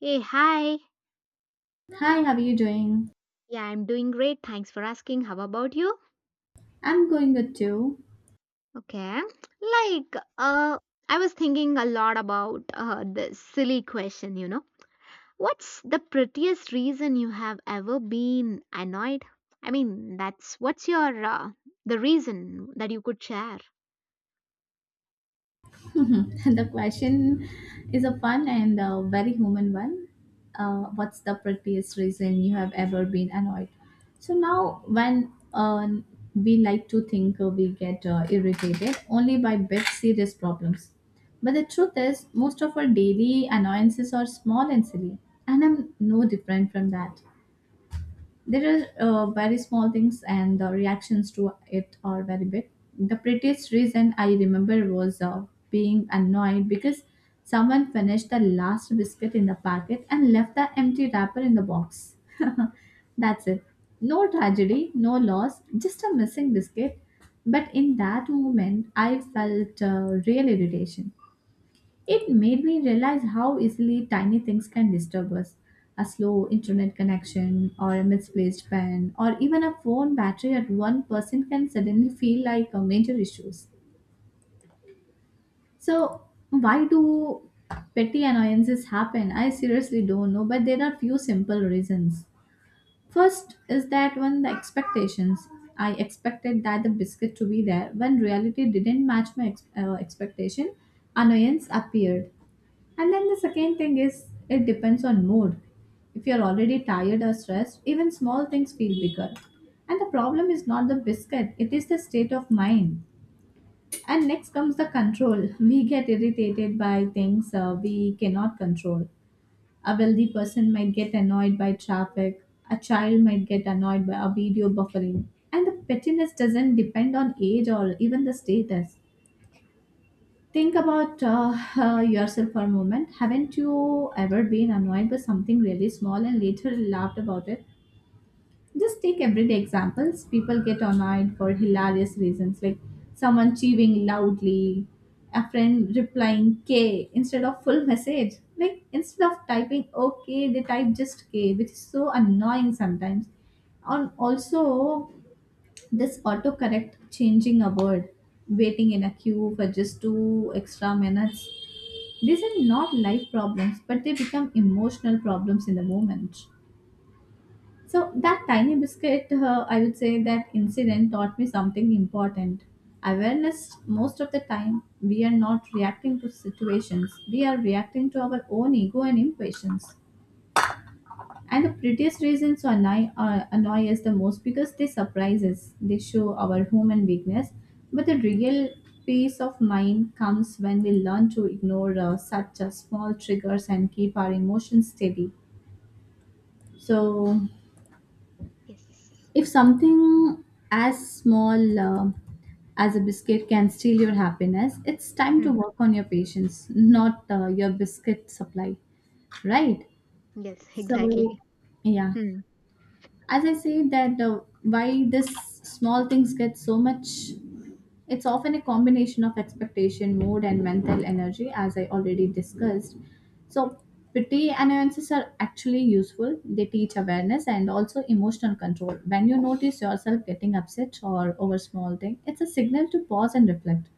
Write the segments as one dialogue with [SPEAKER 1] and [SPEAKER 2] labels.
[SPEAKER 1] Hey, hi.
[SPEAKER 2] Hi, how are you doing?
[SPEAKER 1] Yeah, I'm doing great. Thanks for asking. How about you?
[SPEAKER 2] I'm going good too.
[SPEAKER 1] Okay. Like, uh, I was thinking a lot about this silly question. What's the prettiest reason you have ever been annoyed? I mean, that's what's your the reason that you could share?
[SPEAKER 2] The question is a fun and a very human one. What's the prettiest reason you have ever been annoyed? So now, when we like to think we get irritated only by big serious problems, but the truth is, most of our daily annoyances are small and silly, and I'm no different from that. There are very small things, and the reactions to it are very big. The prettiest reason I remember was being annoyed because someone finished the last biscuit in the packet and left the empty wrapper in the box. That's it. No tragedy, no loss, just a missing biscuit. But in that moment, I felt real irritation. It made me realize how easily tiny things can disturb us. A slow internet connection, or a misplaced pen, or even a phone battery at 1% can suddenly feel like a major issues. So, why do petty annoyances happen? I seriously don't know, but there are few simple reasons. First is that when the expectations, I expected that the biscuit to be there, when reality didn't match my expectation, annoyance appeared. And then the second thing is it depends on mood. If you're already tired or stressed, even small things feel bigger. And the problem is not the biscuit, it is the state of mind. And next comes the control. We get irritated by things we cannot control. A wealthy person might get annoyed by traffic, a child might get annoyed by a video buffering. And the pettiness doesn't depend on age or even the status. Think about yourself for a moment. Haven't you ever been annoyed by something really small and later laughed about it? Just take everyday examples. People get annoyed for hilarious reasons, like someone chewing loudly, a friend replying K instead of full message. Like instead of typing OK, they type just K, which is so annoying sometimes. And also, this autocorrect changing a word, waiting in a queue for just two extra minutes, these are not life problems, but they become emotional problems in the moment. So, that tiny biscuit, I would say that incident taught me something important. Awareness, most of the time, we are not reacting to situations, we are reacting to our own ego and impatience. And the prettiest reasons to annoy us the most because they surprise us. They show our human weakness. But the real peace of mind comes when we learn to ignore such small triggers and keep our emotions steady. So,
[SPEAKER 1] Yes.
[SPEAKER 2] if something as small as a biscuit can steal your happiness, it's time
[SPEAKER 1] Hmm.
[SPEAKER 2] to work on your patience, not your biscuit supply, right?
[SPEAKER 1] Yes, exactly.
[SPEAKER 2] So, yeah.
[SPEAKER 1] Hmm.
[SPEAKER 2] As I said that why this small things get so much, it's often a combination of expectation, mood, and mental energy as I already discussed. So pity annoyances are actually useful. They teach awareness and also emotional control. When you notice yourself getting upset or over small thing, it's a signal to pause and reflect.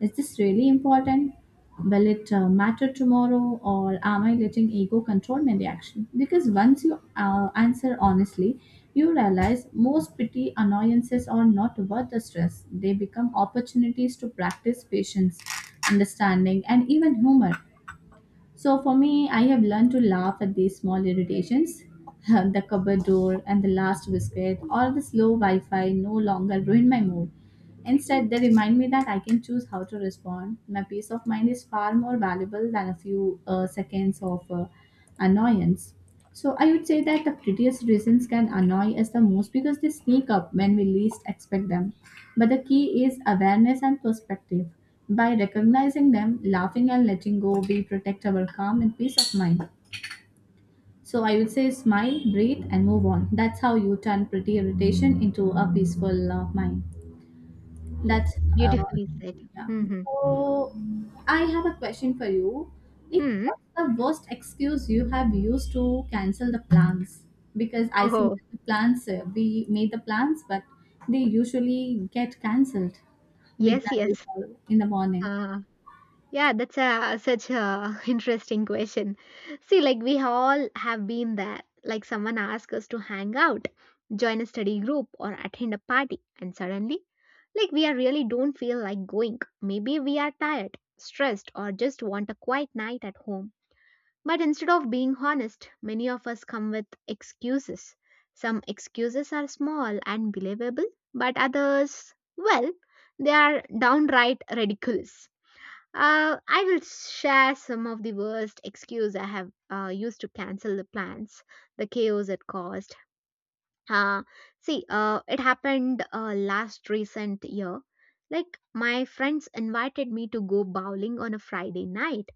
[SPEAKER 2] Is this really important? Will it matter tomorrow, or am I letting ego control my reaction? Because once you answer honestly, you realize most petty annoyances are not worth the stress. They become opportunities to practice patience, understanding, and even humor. So for me, I have learned to laugh at these small irritations. The cupboard door and the last biscuit or the slow Wi Fi no longer ruin my mood. Instead, they remind me that I can choose how to respond. My peace of mind is far more valuable than a few seconds of annoyance. So I would say that the prettiest reasons can annoy us the most because they sneak up when we least expect them. But the key is awareness and perspective. By recognizing them, laughing and letting go, we protect our calm and peace of mind. So I would say smile, breathe, and move on. That's how you turn pretty irritation into a peaceful mind.
[SPEAKER 1] Yes.
[SPEAKER 2] That's uh,
[SPEAKER 1] Beautifully said.
[SPEAKER 2] yeah.
[SPEAKER 1] Mm-hmm.
[SPEAKER 2] So I have a question for you. Like,
[SPEAKER 1] Hmm.
[SPEAKER 2] what's the worst excuse you have used to cancel the plans? Because I see
[SPEAKER 1] Oh,
[SPEAKER 2] the plans we made the plans, but they usually get cancelled
[SPEAKER 1] yes,
[SPEAKER 2] midnight
[SPEAKER 1] yes.
[SPEAKER 2] or in the morning.
[SPEAKER 1] Uh, Yeah, that's a such a interesting question. See, like we all have been there. Like someone asks us to hang out, join a study group, or attend a party, and suddenly, like we are really don't feel like going. Maybe we are tired, stressed, or just want a quiet night at home. But instead of being honest, many of us come with excuses. Some excuses are small and believable, but others, well, they are downright ridiculous. I will share some of the worst excuse I have used to cancel the plans, the chaos it caused. Uh, see, it happened last recent year. Like my friends invited me to go bowling on a Friday night.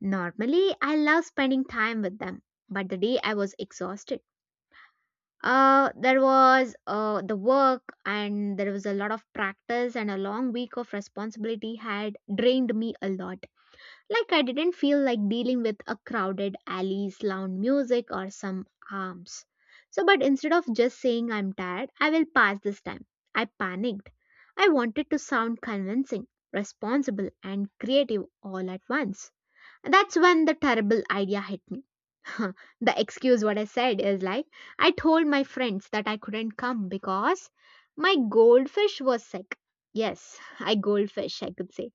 [SPEAKER 1] Normally, I love spending time with them, but the day I was exhausted. There was the work, and there was a lot of practice, and a long week of responsibility had drained me a lot. Like I didn't feel like dealing with a crowded alleys, loud music, or some arms. So, but instead of just saying I'm tired, I will pass this time. I panicked. I wanted to sound convincing, responsible, and creative all at once. That's when the terrible idea hit me. The excuse what I said is like, I told my friends that I couldn't come because my goldfish was sick. Yes, I goldfish, I could say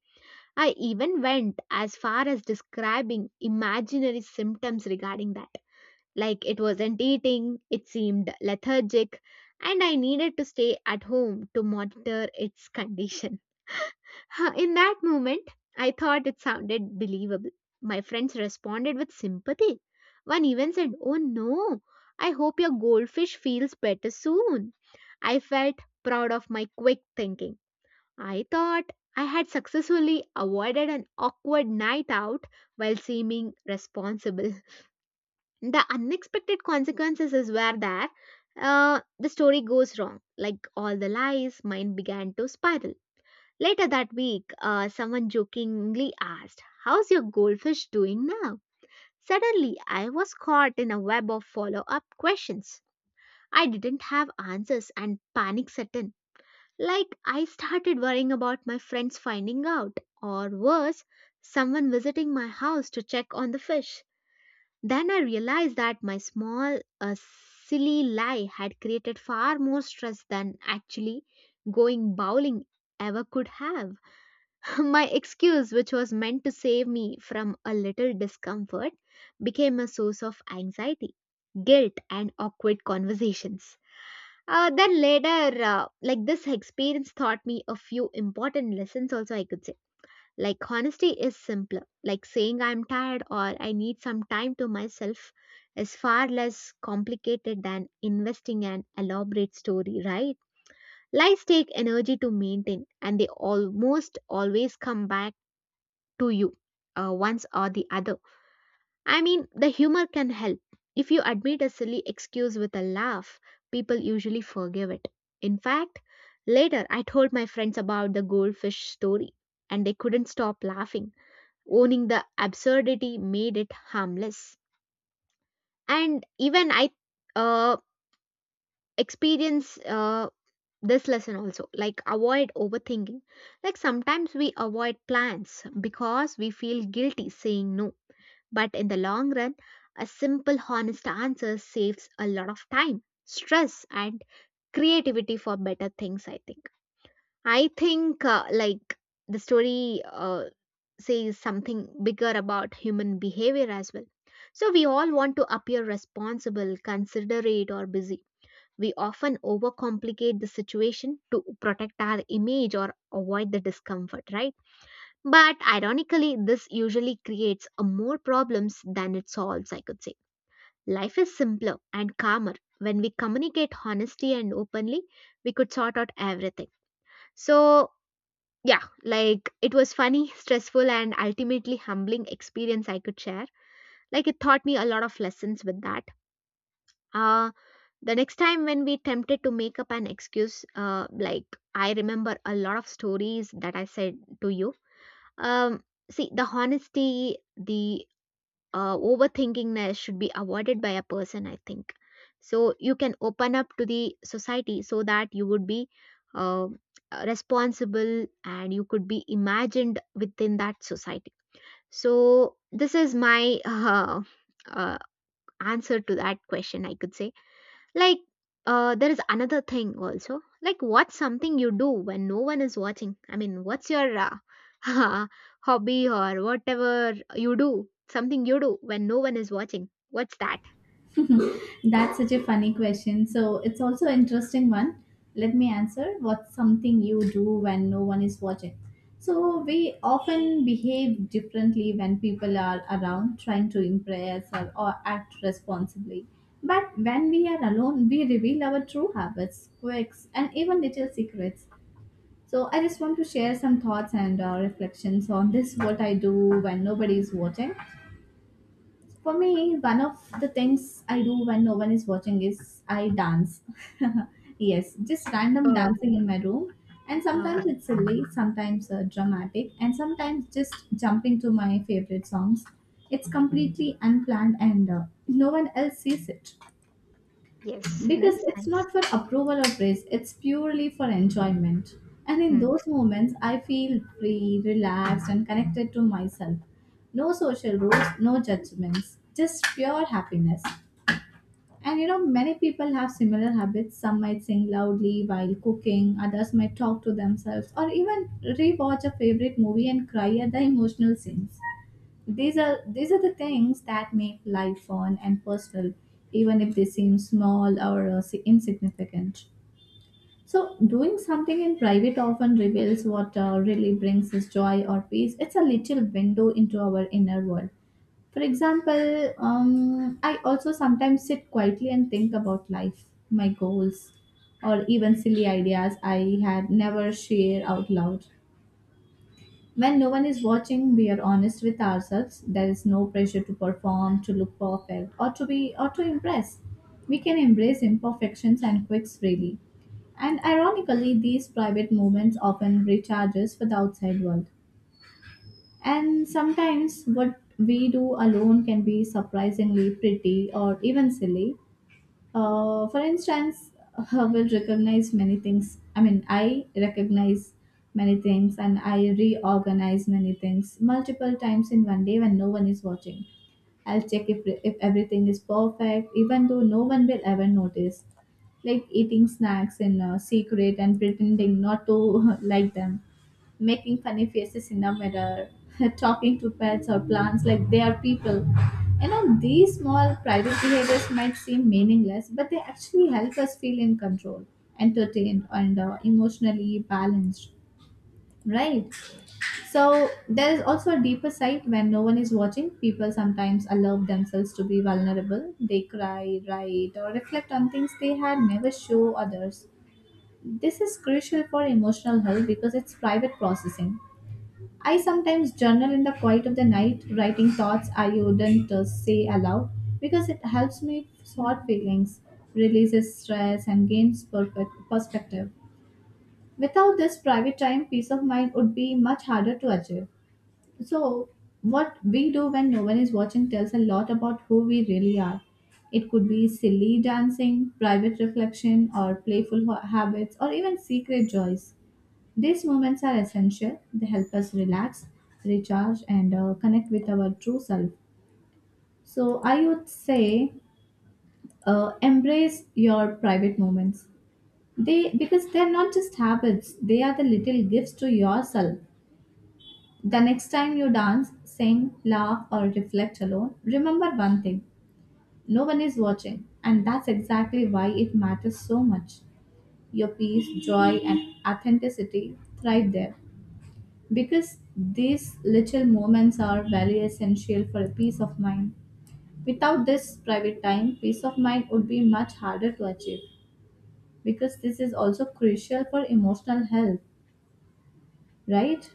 [SPEAKER 1] I even went as far as describing imaginary symptoms regarding that. Like it wasn't eating, it seemed lethargic, and I needed to stay at home to monitor its condition. In that moment, I thought it sounded believable. My friends responded with sympathy. One even said, Oh no, I hope your goldfish feels better soon. I felt proud of my quick thinking. I thought I had successfully avoided an awkward night out while seeming responsible. The unexpected consequences is where there the story goes wrong. Like all the lies, mine began to spiral. Later that week, someone jokingly asked, "How's your goldfish doing now?" Suddenly, I was caught in a web of follow-up questions. I didn't have answers and panic set in. Like, I started worrying about my friends finding out, or worse, someone visiting my house to check on the fish. Then I realized that my small, silly lie had created far more stress than actually going bowling ever could have. My excuse, which was meant to save me from a little discomfort, became a source of anxiety, guilt, and awkward conversations. Then later, this experience taught me a few important lessons, also, I could say. Like, honesty is simpler. Like, saying I'm tired or I need some time to myself is far less complicated than investing an elaborate story, right? Lies take energy to maintain, and they almost always come back to you, once or the other. I mean, the humor can help. If you admit a silly excuse with a laugh, people usually forgive it. In fact, later I told my friends about the goldfish story and they couldn't stop laughing. Owning the absurdity made it harmless. And even I uh, experience this lesson also like avoid overthinking. Like sometimes we avoid plans because we feel guilty saying no. But in the long run, a simple, honest answer saves a lot of time, stress, and creativity for better things, I think. I think, the story says something bigger about human behavior as well. So, we all want to appear responsible, considerate, or busy. We often overcomplicate the situation to protect our image or avoid the discomfort, right? But ironically, this usually creates a more problems than it solves, I could say. Life is simpler and calmer when we communicate honesty and openly, we could sort out everything. So, yeah, like it was funny, stressful, and ultimately humbling experience I could share. Like it taught me a lot of lessons with that. Uh, the next time when we tempted to make up an excuse, like I remember a lot of stories that I said to you. Um, See, the honesty, the overthinkingness should be avoided by a person I think so you can open up to the society so that you would be uh, responsible and you could be imagined within that society so this is my uh, answer to that question I could say like, there is another thing also. Like, what's something you do when no one is watching? I mean, what's your hobby or whatever you do? Something you do when no one is watching. What's that?
[SPEAKER 2] That's such a funny question. So it's also an interesting one. Let me answer. What's something you do when no one is watching? So we often behave differently when people are around trying to impress or act responsibly. But when we are alone, we reveal our true habits, quirks, and even little secrets. So I just want to share some thoughts and reflections on this what I do when nobody is watching. For me, one of the things I do when no one is watching is I dance. Yes, just random
[SPEAKER 1] Uh,
[SPEAKER 2] dancing in my room. And
[SPEAKER 1] uh,
[SPEAKER 2] sometimes it's silly, sometimes dramatic, and sometimes just jumping to my favorite songs. It's completely unplanned and no one else sees it,
[SPEAKER 1] yes,
[SPEAKER 2] because
[SPEAKER 1] nice,
[SPEAKER 2] it's
[SPEAKER 1] nice.
[SPEAKER 2] not for approval or praise, it's purely for enjoyment. And in those moments I feel free, relaxed, and connected to myself. No social rules, no judgments, just pure happiness. And you know, many people have similar habits. Some might sing loudly while cooking, others might talk to themselves or even rewatch a favorite movie and cry at the emotional scenes. These are the things that make life fun and personal, even if they seem small or insignificant. So doing something in private often reveals what really brings us joy or peace. It's a little window into our inner world. For example, I also sometimes sit quietly and think about life, my goals, or even silly ideas I had never shared out loud. When no one is watching, we are honest with ourselves. There is no pressure to perform, to look perfect, or to impress. We can embrace imperfections and quirks freely. And ironically, these private moments often recharge us for the outside world. And sometimes what we do alone can be surprisingly pretty or even silly. For instance, I will recognize many things. I mean, I recognize many things and I reorganize many things multiple times in one day when no one is watching. I'll check if everything is perfect, even though no one will ever notice. Like eating snacks in secret and pretending not to like them, making funny faces in the mirror, talking to pets or plants like they are people. You know, these small private behaviors might seem meaningless, but they actually help us feel in control, entertained, and emotionally balanced, right? So there is also a deeper side. When no one is watching, people sometimes allow themselves to be vulnerable. They cry, write, or reflect on things they had never show others. This is crucial for emotional health because it's private processing. I sometimes journal in the quiet of the night, writing thoughts I wouldn't say aloud, because it helps me sort feelings, releases stress, and gains perfect perspective. Without this private time, peace of mind would be much harder to achieve. So, what we do when no one is watching tells a lot about who we really are. It could be silly dancing, private reflection, or playful habits, or even secret joys. These moments are essential. They help us relax, recharge, and connect with our true self. So, I would say, embrace your private moments. They're not just habits; they are the little gifts to yourself. The next time you dance, sing, laugh, or reflect alone, remember one thing: no one is watching, and that's exactly why it matters so much. Your peace, joy, and authenticity thrive there because these little moments are very essential for a peace of mind. Without this private time, peace of mind would be much harder to achieve, because this is also crucial for emotional health, right?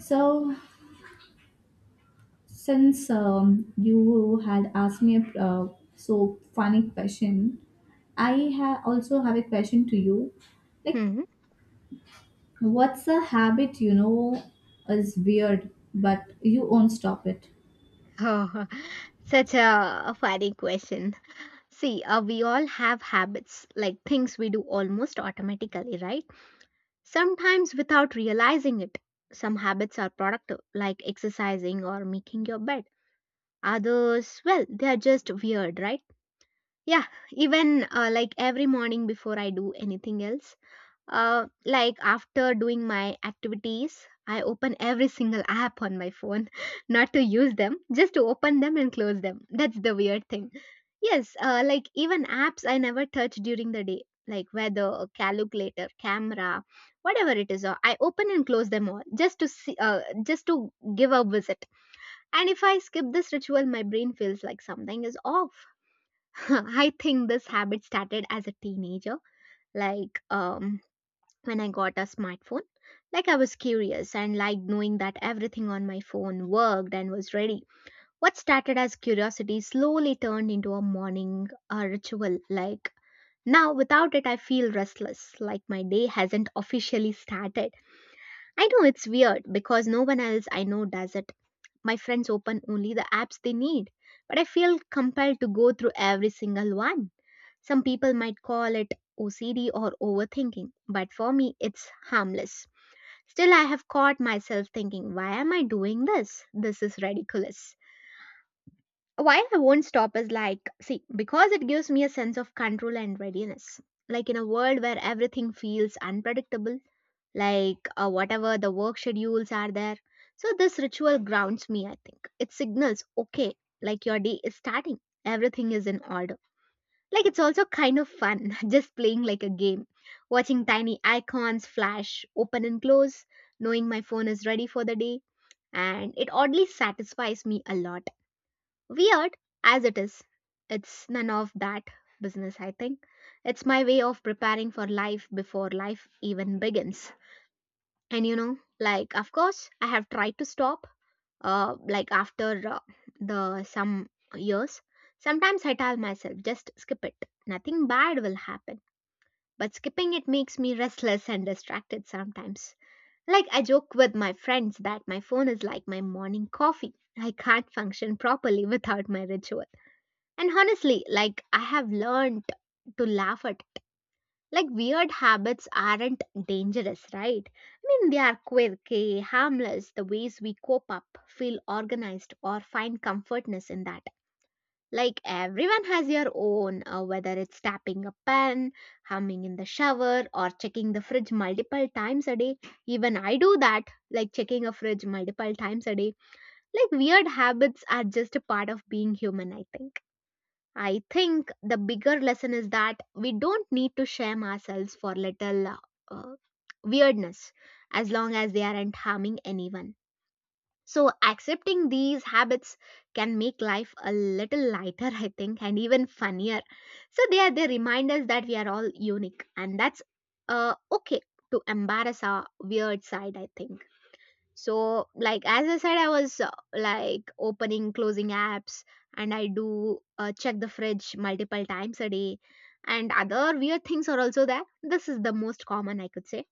[SPEAKER 2] So, since you had asked me a so funny question, I also have a question to you. Like,
[SPEAKER 1] Mm-hmm.
[SPEAKER 2] what's a habit you know is weird, but you won't stop it?
[SPEAKER 1] Oh, such a funny question. See, we all have habits, like things we do almost automatically, right? Sometimes without realizing it, some habits are productive, like exercising or making your bed. Others, well, they are just weird, right? Yeah, even like every morning before I do anything else, like after doing my activities, I open every single app on my phone, not to use them, just to open them and close them. That's the weird thing. Yes, like even apps I never touch during the day, like weather, calculator, camera, whatever it is. I open and close them all just to see, just to give a visit. And if I skip this ritual, my brain feels like something is off. I think this habit started as a teenager, like when I got a smartphone. Like I was curious and liked knowing that everything on my phone worked and was ready. What started as curiosity slowly turned into a morning ritual. Like now, without it, I feel restless, like my day hasn't officially started. I know it's weird because no one else I know does it. My friends open only the apps they need, but I feel compelled to go through every single one. Some people might call it OCD or overthinking, but for me, it's harmless. Still, I have caught myself thinking, why am I doing this? This is ridiculous. Why I won't stop is like, see, because it gives me a sense of control and readiness. Like in a world where everything feels unpredictable, like whatever the work schedules are there. So, this ritual grounds me, I think. It signals, okay, like your day is starting, everything is in order. Like it's also kind of fun, just playing like a game, watching tiny icons flash, open and close, knowing my phone is ready for the day, and it oddly satisfies me a lot. Weird as it is, it's none of that business, I think. It's my way of preparing for life before life even begins. And you know, like, of course, I have tried to stop, like after the some years. Sometimes I tell myself, just skip it. Nothing bad will happen but skipping it makes me restless and distracted sometimes. Like, I joke with my friends that my phone is like my morning coffee. I can't function properly without my ritual. And honestly, like, I have learned to laugh at it. Like, weird habits aren't dangerous, right? I mean, they are quirky, harmless, the ways we cope up, feel organized, or find comfortness in that. Like everyone has their own, whether it's tapping a pen, humming in the shower, or checking the fridge multiple times a day. Even I do that, like checking a fridge multiple times a day. Like weird habits are just a part of being human, I think. I think the bigger lesson is that we don't need to shame ourselves for little uh, weirdness as long as they aren't harming anyone. So, accepting these habits can make life a little lighter, I think, and even funnier. So, they remind us that we are all unique, and that's okay to embarrass our weird side, I think. So, like as I said, I was like opening, closing apps, and I do check the fridge multiple times a day, and other weird things are also there. This is the most common, I could say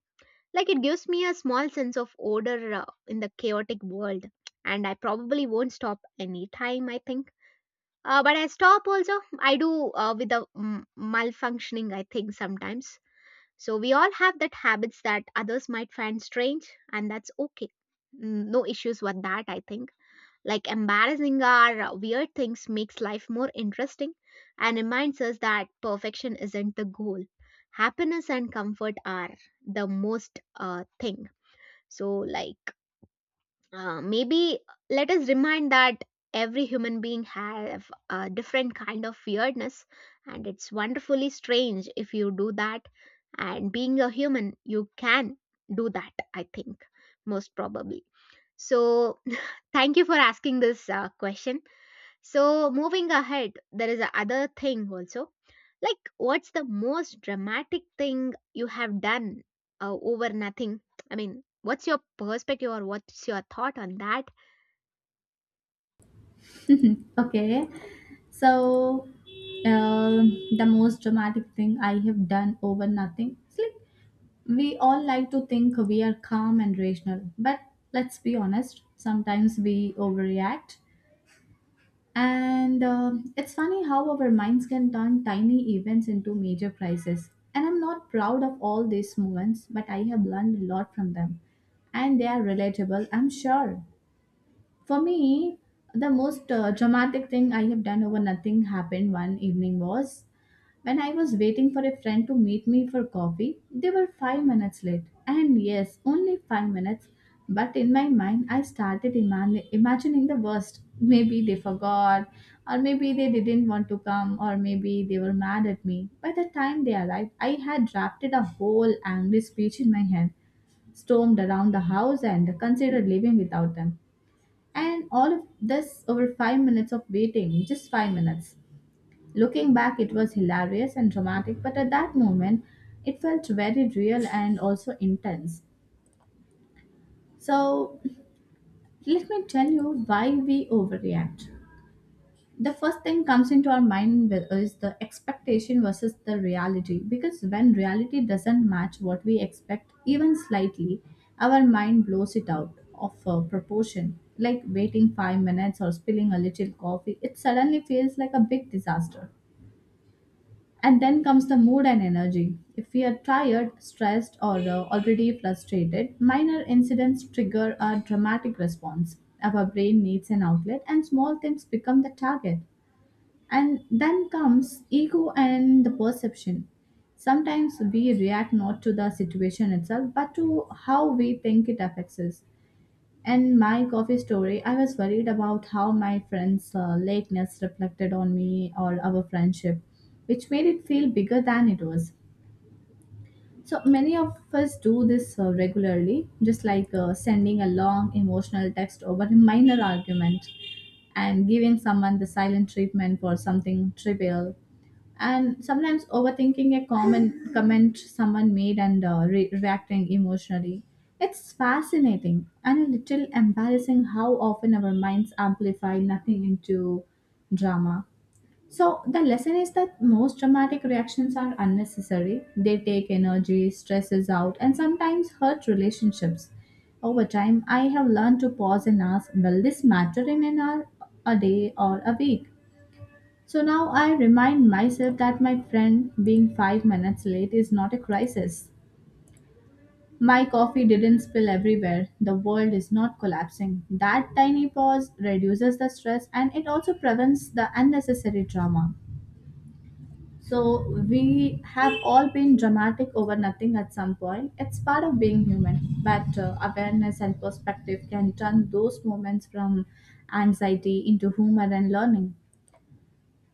[SPEAKER 1] like it gives me a small sense of order in the chaotic world, and I probably won't stop anytime, I think. But I stop also. I do with the malfunctioning, I think, sometimes. So we all have that habits that others might find strange, and that's okay. No issues with that, I think. Like embarrassing our weird things makes life more interesting and reminds us that perfection isn't the goal. Happiness and comfort are the most thing, so, like, maybe let us remind that every human being have a different kind of weirdness, and it's wonderfully strange if you do that, and being a human you can do that, I think, most probably. So thank you for asking this question. So moving ahead, there is a other thing also. Like, what's the most dramatic thing you have done over nothing? I mean, what's your perspective or what's your thought on that?
[SPEAKER 2] Okay, so um the most dramatic thing I have done over nothing. It's like we all like to think we are calm and rational, but let's be honest, sometimes we overreact. And It's funny how our minds can turn tiny events into major crises. And I'm not proud of all these moments, but I have learned a lot from them. And they are relatable, I'm sure. For me, the most dramatic thing I have done over nothing happened one evening, was when I was waiting for a friend to meet me for coffee, they were 5 minutes late. And yes, only 5 minutes. But in my mind, I started imagining the worst. Maybe they forgot, or maybe they didn't want to come, or maybe they were mad at me. By the time they arrived, I had drafted a whole angry speech in my head, stormed around the house, and considered living without them. And all of this over 5 minutes of waiting, just 5 minutes. Looking back, it was hilarious and dramatic, but at that moment, it felt very real and also intense. So, let me tell you why we overreact. The first thing comes into our mind is the expectation versus the reality, because when reality doesn't match what we expect, even slightly, our mind blows it out of proportion. Like waiting 5 minutes or spilling a little coffee, it suddenly feels like a big disaster. And then comes the mood and energy. If we are tired, stressed, or already frustrated, minor incidents trigger a dramatic response. Our brain needs an outlet, and small things become the target. And then comes ego and the perception. Sometimes we react not to the situation itself, but to how we think it affects us. And my coffee story, I was worried about how my friend's lateness reflected on me or our friendship, which made it feel bigger than it was. So many of us do this regularly, just like sending a long emotional text over a minor argument, and giving someone the silent treatment for something trivial, and sometimes overthinking a common comment someone made and reacting emotionally. It's fascinating and a little embarrassing how often our minds amplify nothing into drama. So the lesson is that most dramatic reactions are unnecessary. They take energy, stresses out, and sometimes hurt relationships. Over time, I have learned to pause and ask, will this matter in an hour, a day, or a week? So now I remind myself that my friend being 5 minutes late is not a crisis. My coffee didn't spill everywhere. The world is not collapsing. That tiny pause reduces the stress, and it also prevents the unnecessary drama. So we have all been dramatic over nothing at some point. It's part of being human, but awareness and perspective can turn those moments from anxiety into humor and learning.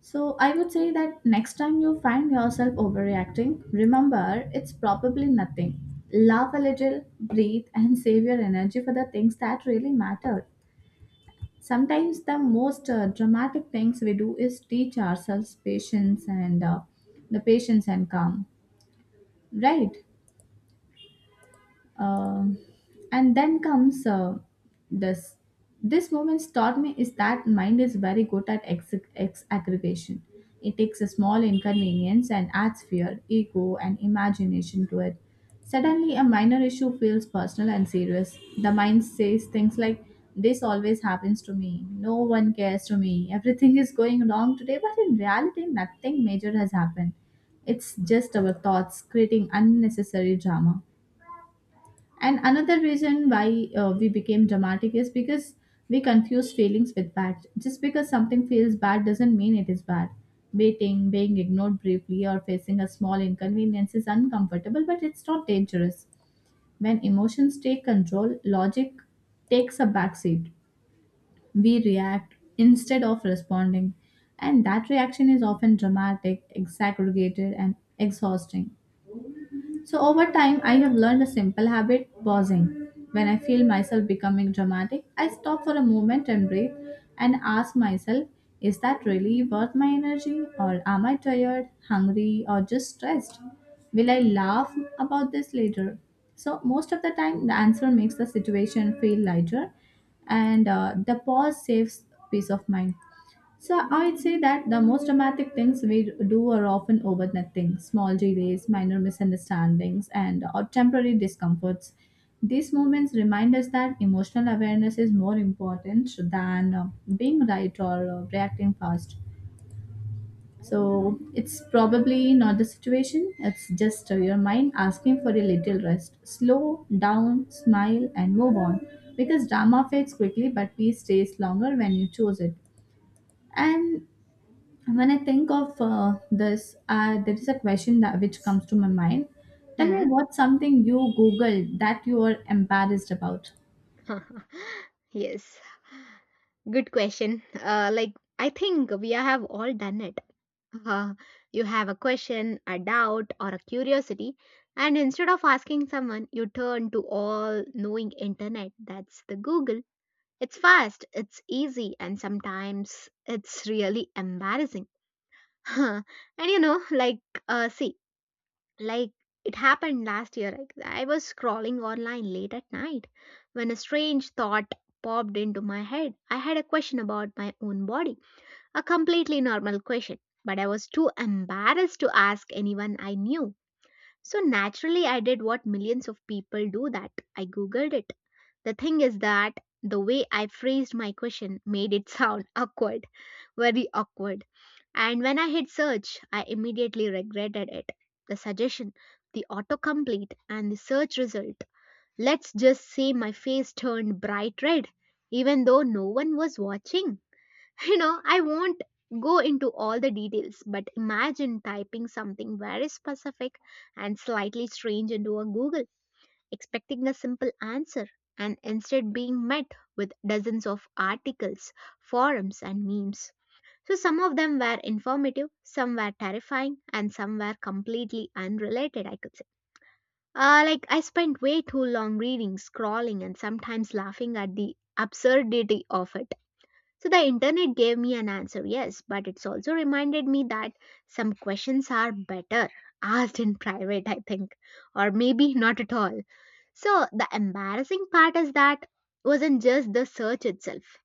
[SPEAKER 2] So I would say that next time you find yourself overreacting, remember it's probably nothing. Laugh a little, breathe, and save your energy for the things that really matter. Sometimes the most dramatic things we do is teach ourselves patience and the patience and calm. Right? Um, and then comes this. This moment taught me is that mind is very good at aggregation. It takes a small inconvenience and adds fear, ego, and imagination to it. Suddenly, a minor issue feels personal and serious. The mind says things like, this always happens to me. No one cares to me. Everything is going wrong today, but in reality, nothing major has happened. It's just our thoughts creating unnecessary drama. And another reason why we became dramatic is because we confuse feelings with bad. Just because something feels bad doesn't mean it is bad. Waiting, being ignored briefly, or facing a small inconvenience is uncomfortable, but it's not dangerous. When emotions take control, logic takes a backseat. We react instead of responding, and that reaction is often dramatic, exaggerated, and exhausting. So, over time, I have learned a simple habit, pausing. When I feel myself becoming dramatic, I stop for a moment and breathe and ask myself, is that really worth my energy? Or am I tired, hungry, or just stressed? Will I laugh about this later? So, most of the time, the answer makes the situation feel lighter, and the pause saves peace of mind. So I'd say that the most dramatic things we do are often over nothing, small delays, minor misunderstandings, and or temporary discomforts. These moments remind us that emotional awareness is more important than being right or reacting fast. So it's probably not the situation, it's just your mind asking for a little rest. Slow down, smile, and move on. Because drama fades quickly, but peace stays longer when you choose it. And when I think of this, there is a question that which comes to my mind. Tell me,
[SPEAKER 1] Hmm.
[SPEAKER 2] what's something you googled that you are embarrassed about?
[SPEAKER 1] Yes. Good question. Like, I think we have all done it. Uh, you have a question, a doubt, or a curiosity, and instead of asking someone, you turn to all knowing internet. That's the Google. It's fast, it's easy, and sometimes it's really embarrassing. And you know, like, see, like, it happened last year. Like, I was scrolling online late at night when a strange thought popped into my head. I had a question about my own body, a completely normal question, but I was too embarrassed to ask anyone I knew. So naturally, I did what millions of people do, that I googled it. The thing is that the way I phrased my question made it sound awkward, very awkward. And when I hit search, I immediately regretted it. The suggestion, the autocomplete, and the search result. Let's just say my face turned bright red, even though no one was watching. You know, I won't go into all the details, but imagine typing something very specific and slightly strange into a Google, expecting a simple answer, and instead being met with dozens of articles, forums, and memes. So, some of them were informative, some were terrifying, and some were completely unrelated, I could say. Like, I spent way too long reading, scrolling, and sometimes laughing at the absurdity of it. So, the internet gave me an answer, yes, but it's also reminded me that some questions are better asked in private, I think, or maybe not at all. So the embarrassing part is that wasn't just the search itself.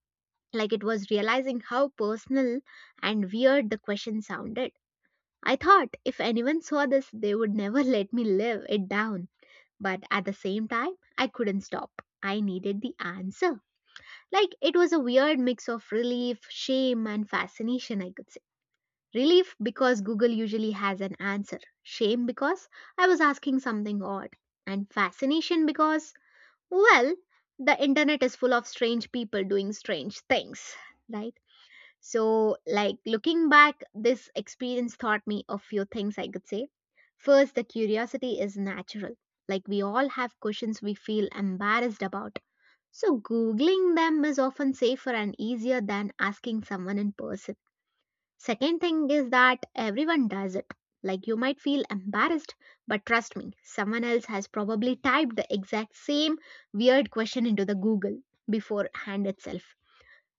[SPEAKER 1] Like it was realizing how personal and weird the question sounded. I thought if anyone saw this, they would never let me live it down. But at the same time, I couldn't stop. I needed the answer. Like it was a weird mix of relief, shame, and fascination, I could say. Relief because Google usually has an answer, shame because I was asking something odd, and fascination because, well, the internet is full of strange people doing strange things, right? So, like, looking back, this experience taught me a few things, I could say. First, the curiosity is natural. Like we all have questions we feel embarrassed about. So, Googling them is often safer and easier than asking someone in person. Second thing is that everyone does it. Like you might feel embarrassed, but trust me, someone else has probably typed the exact same weird question into the Google beforehand itself.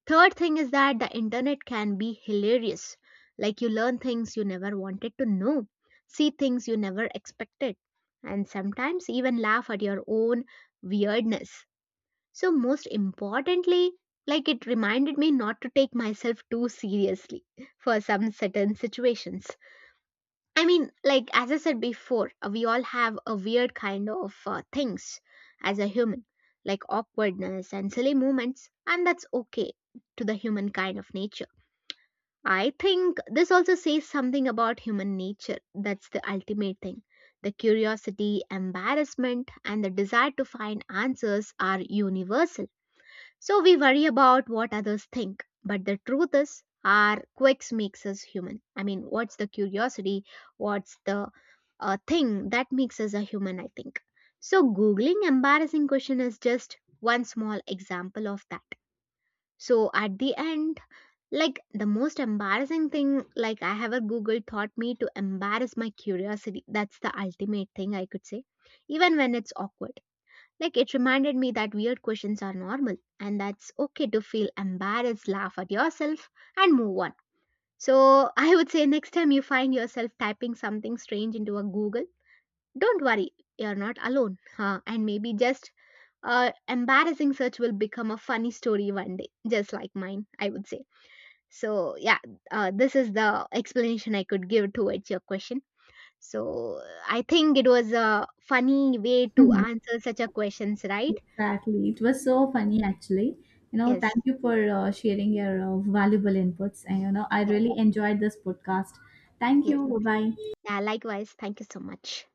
[SPEAKER 1] Third thing is that the internet can be hilarious. Like you learn things you never wanted to know, see things you never expected, and sometimes even laugh at your own weirdness. So, most importantly, like it reminded me not to take myself too seriously for some certain situations. I mean, like as I said before, we all have a weird kind of things as a human, like awkwardness and silly moments, and that's okay to the human kind of nature. I think this also says something about human nature. That's the ultimate thing. The curiosity, embarrassment, and the desire to find answers are universal, so we worry about what others think, but the truth is our quirks makes us human. I mean, what's the curiosity? What's the thing that makes us a human, I think. So googling embarrassing question is just one small example of that. So at the end, like the most embarrassing thing like I ever googled taught me to embarrass my curiosity. That's the ultimate thing I could say, even when it's awkward. Like it reminded me that weird questions are normal and that's okay to feel embarrassed, laugh at yourself, and move on. So I would say next time you find yourself typing something strange into a Google, don't worry, you're not alone. Huh? And maybe just embarrassing search will become a funny story one day, just like mine, I would say. So yeah, this is the explanation I could give towards your question. So I think it was a funny way to
[SPEAKER 2] Mhm.
[SPEAKER 1] answer such a questions, right?
[SPEAKER 2] Exactly, it was so funny actually. You know,
[SPEAKER 1] Yes.
[SPEAKER 2] thank you for sharing your valuable inputs, and you know, I
[SPEAKER 1] Well,
[SPEAKER 2] really enjoyed this podcast. Thank
[SPEAKER 1] yes.
[SPEAKER 2] you. Bye bye.
[SPEAKER 1] Yeah, likewise. Thank you so much.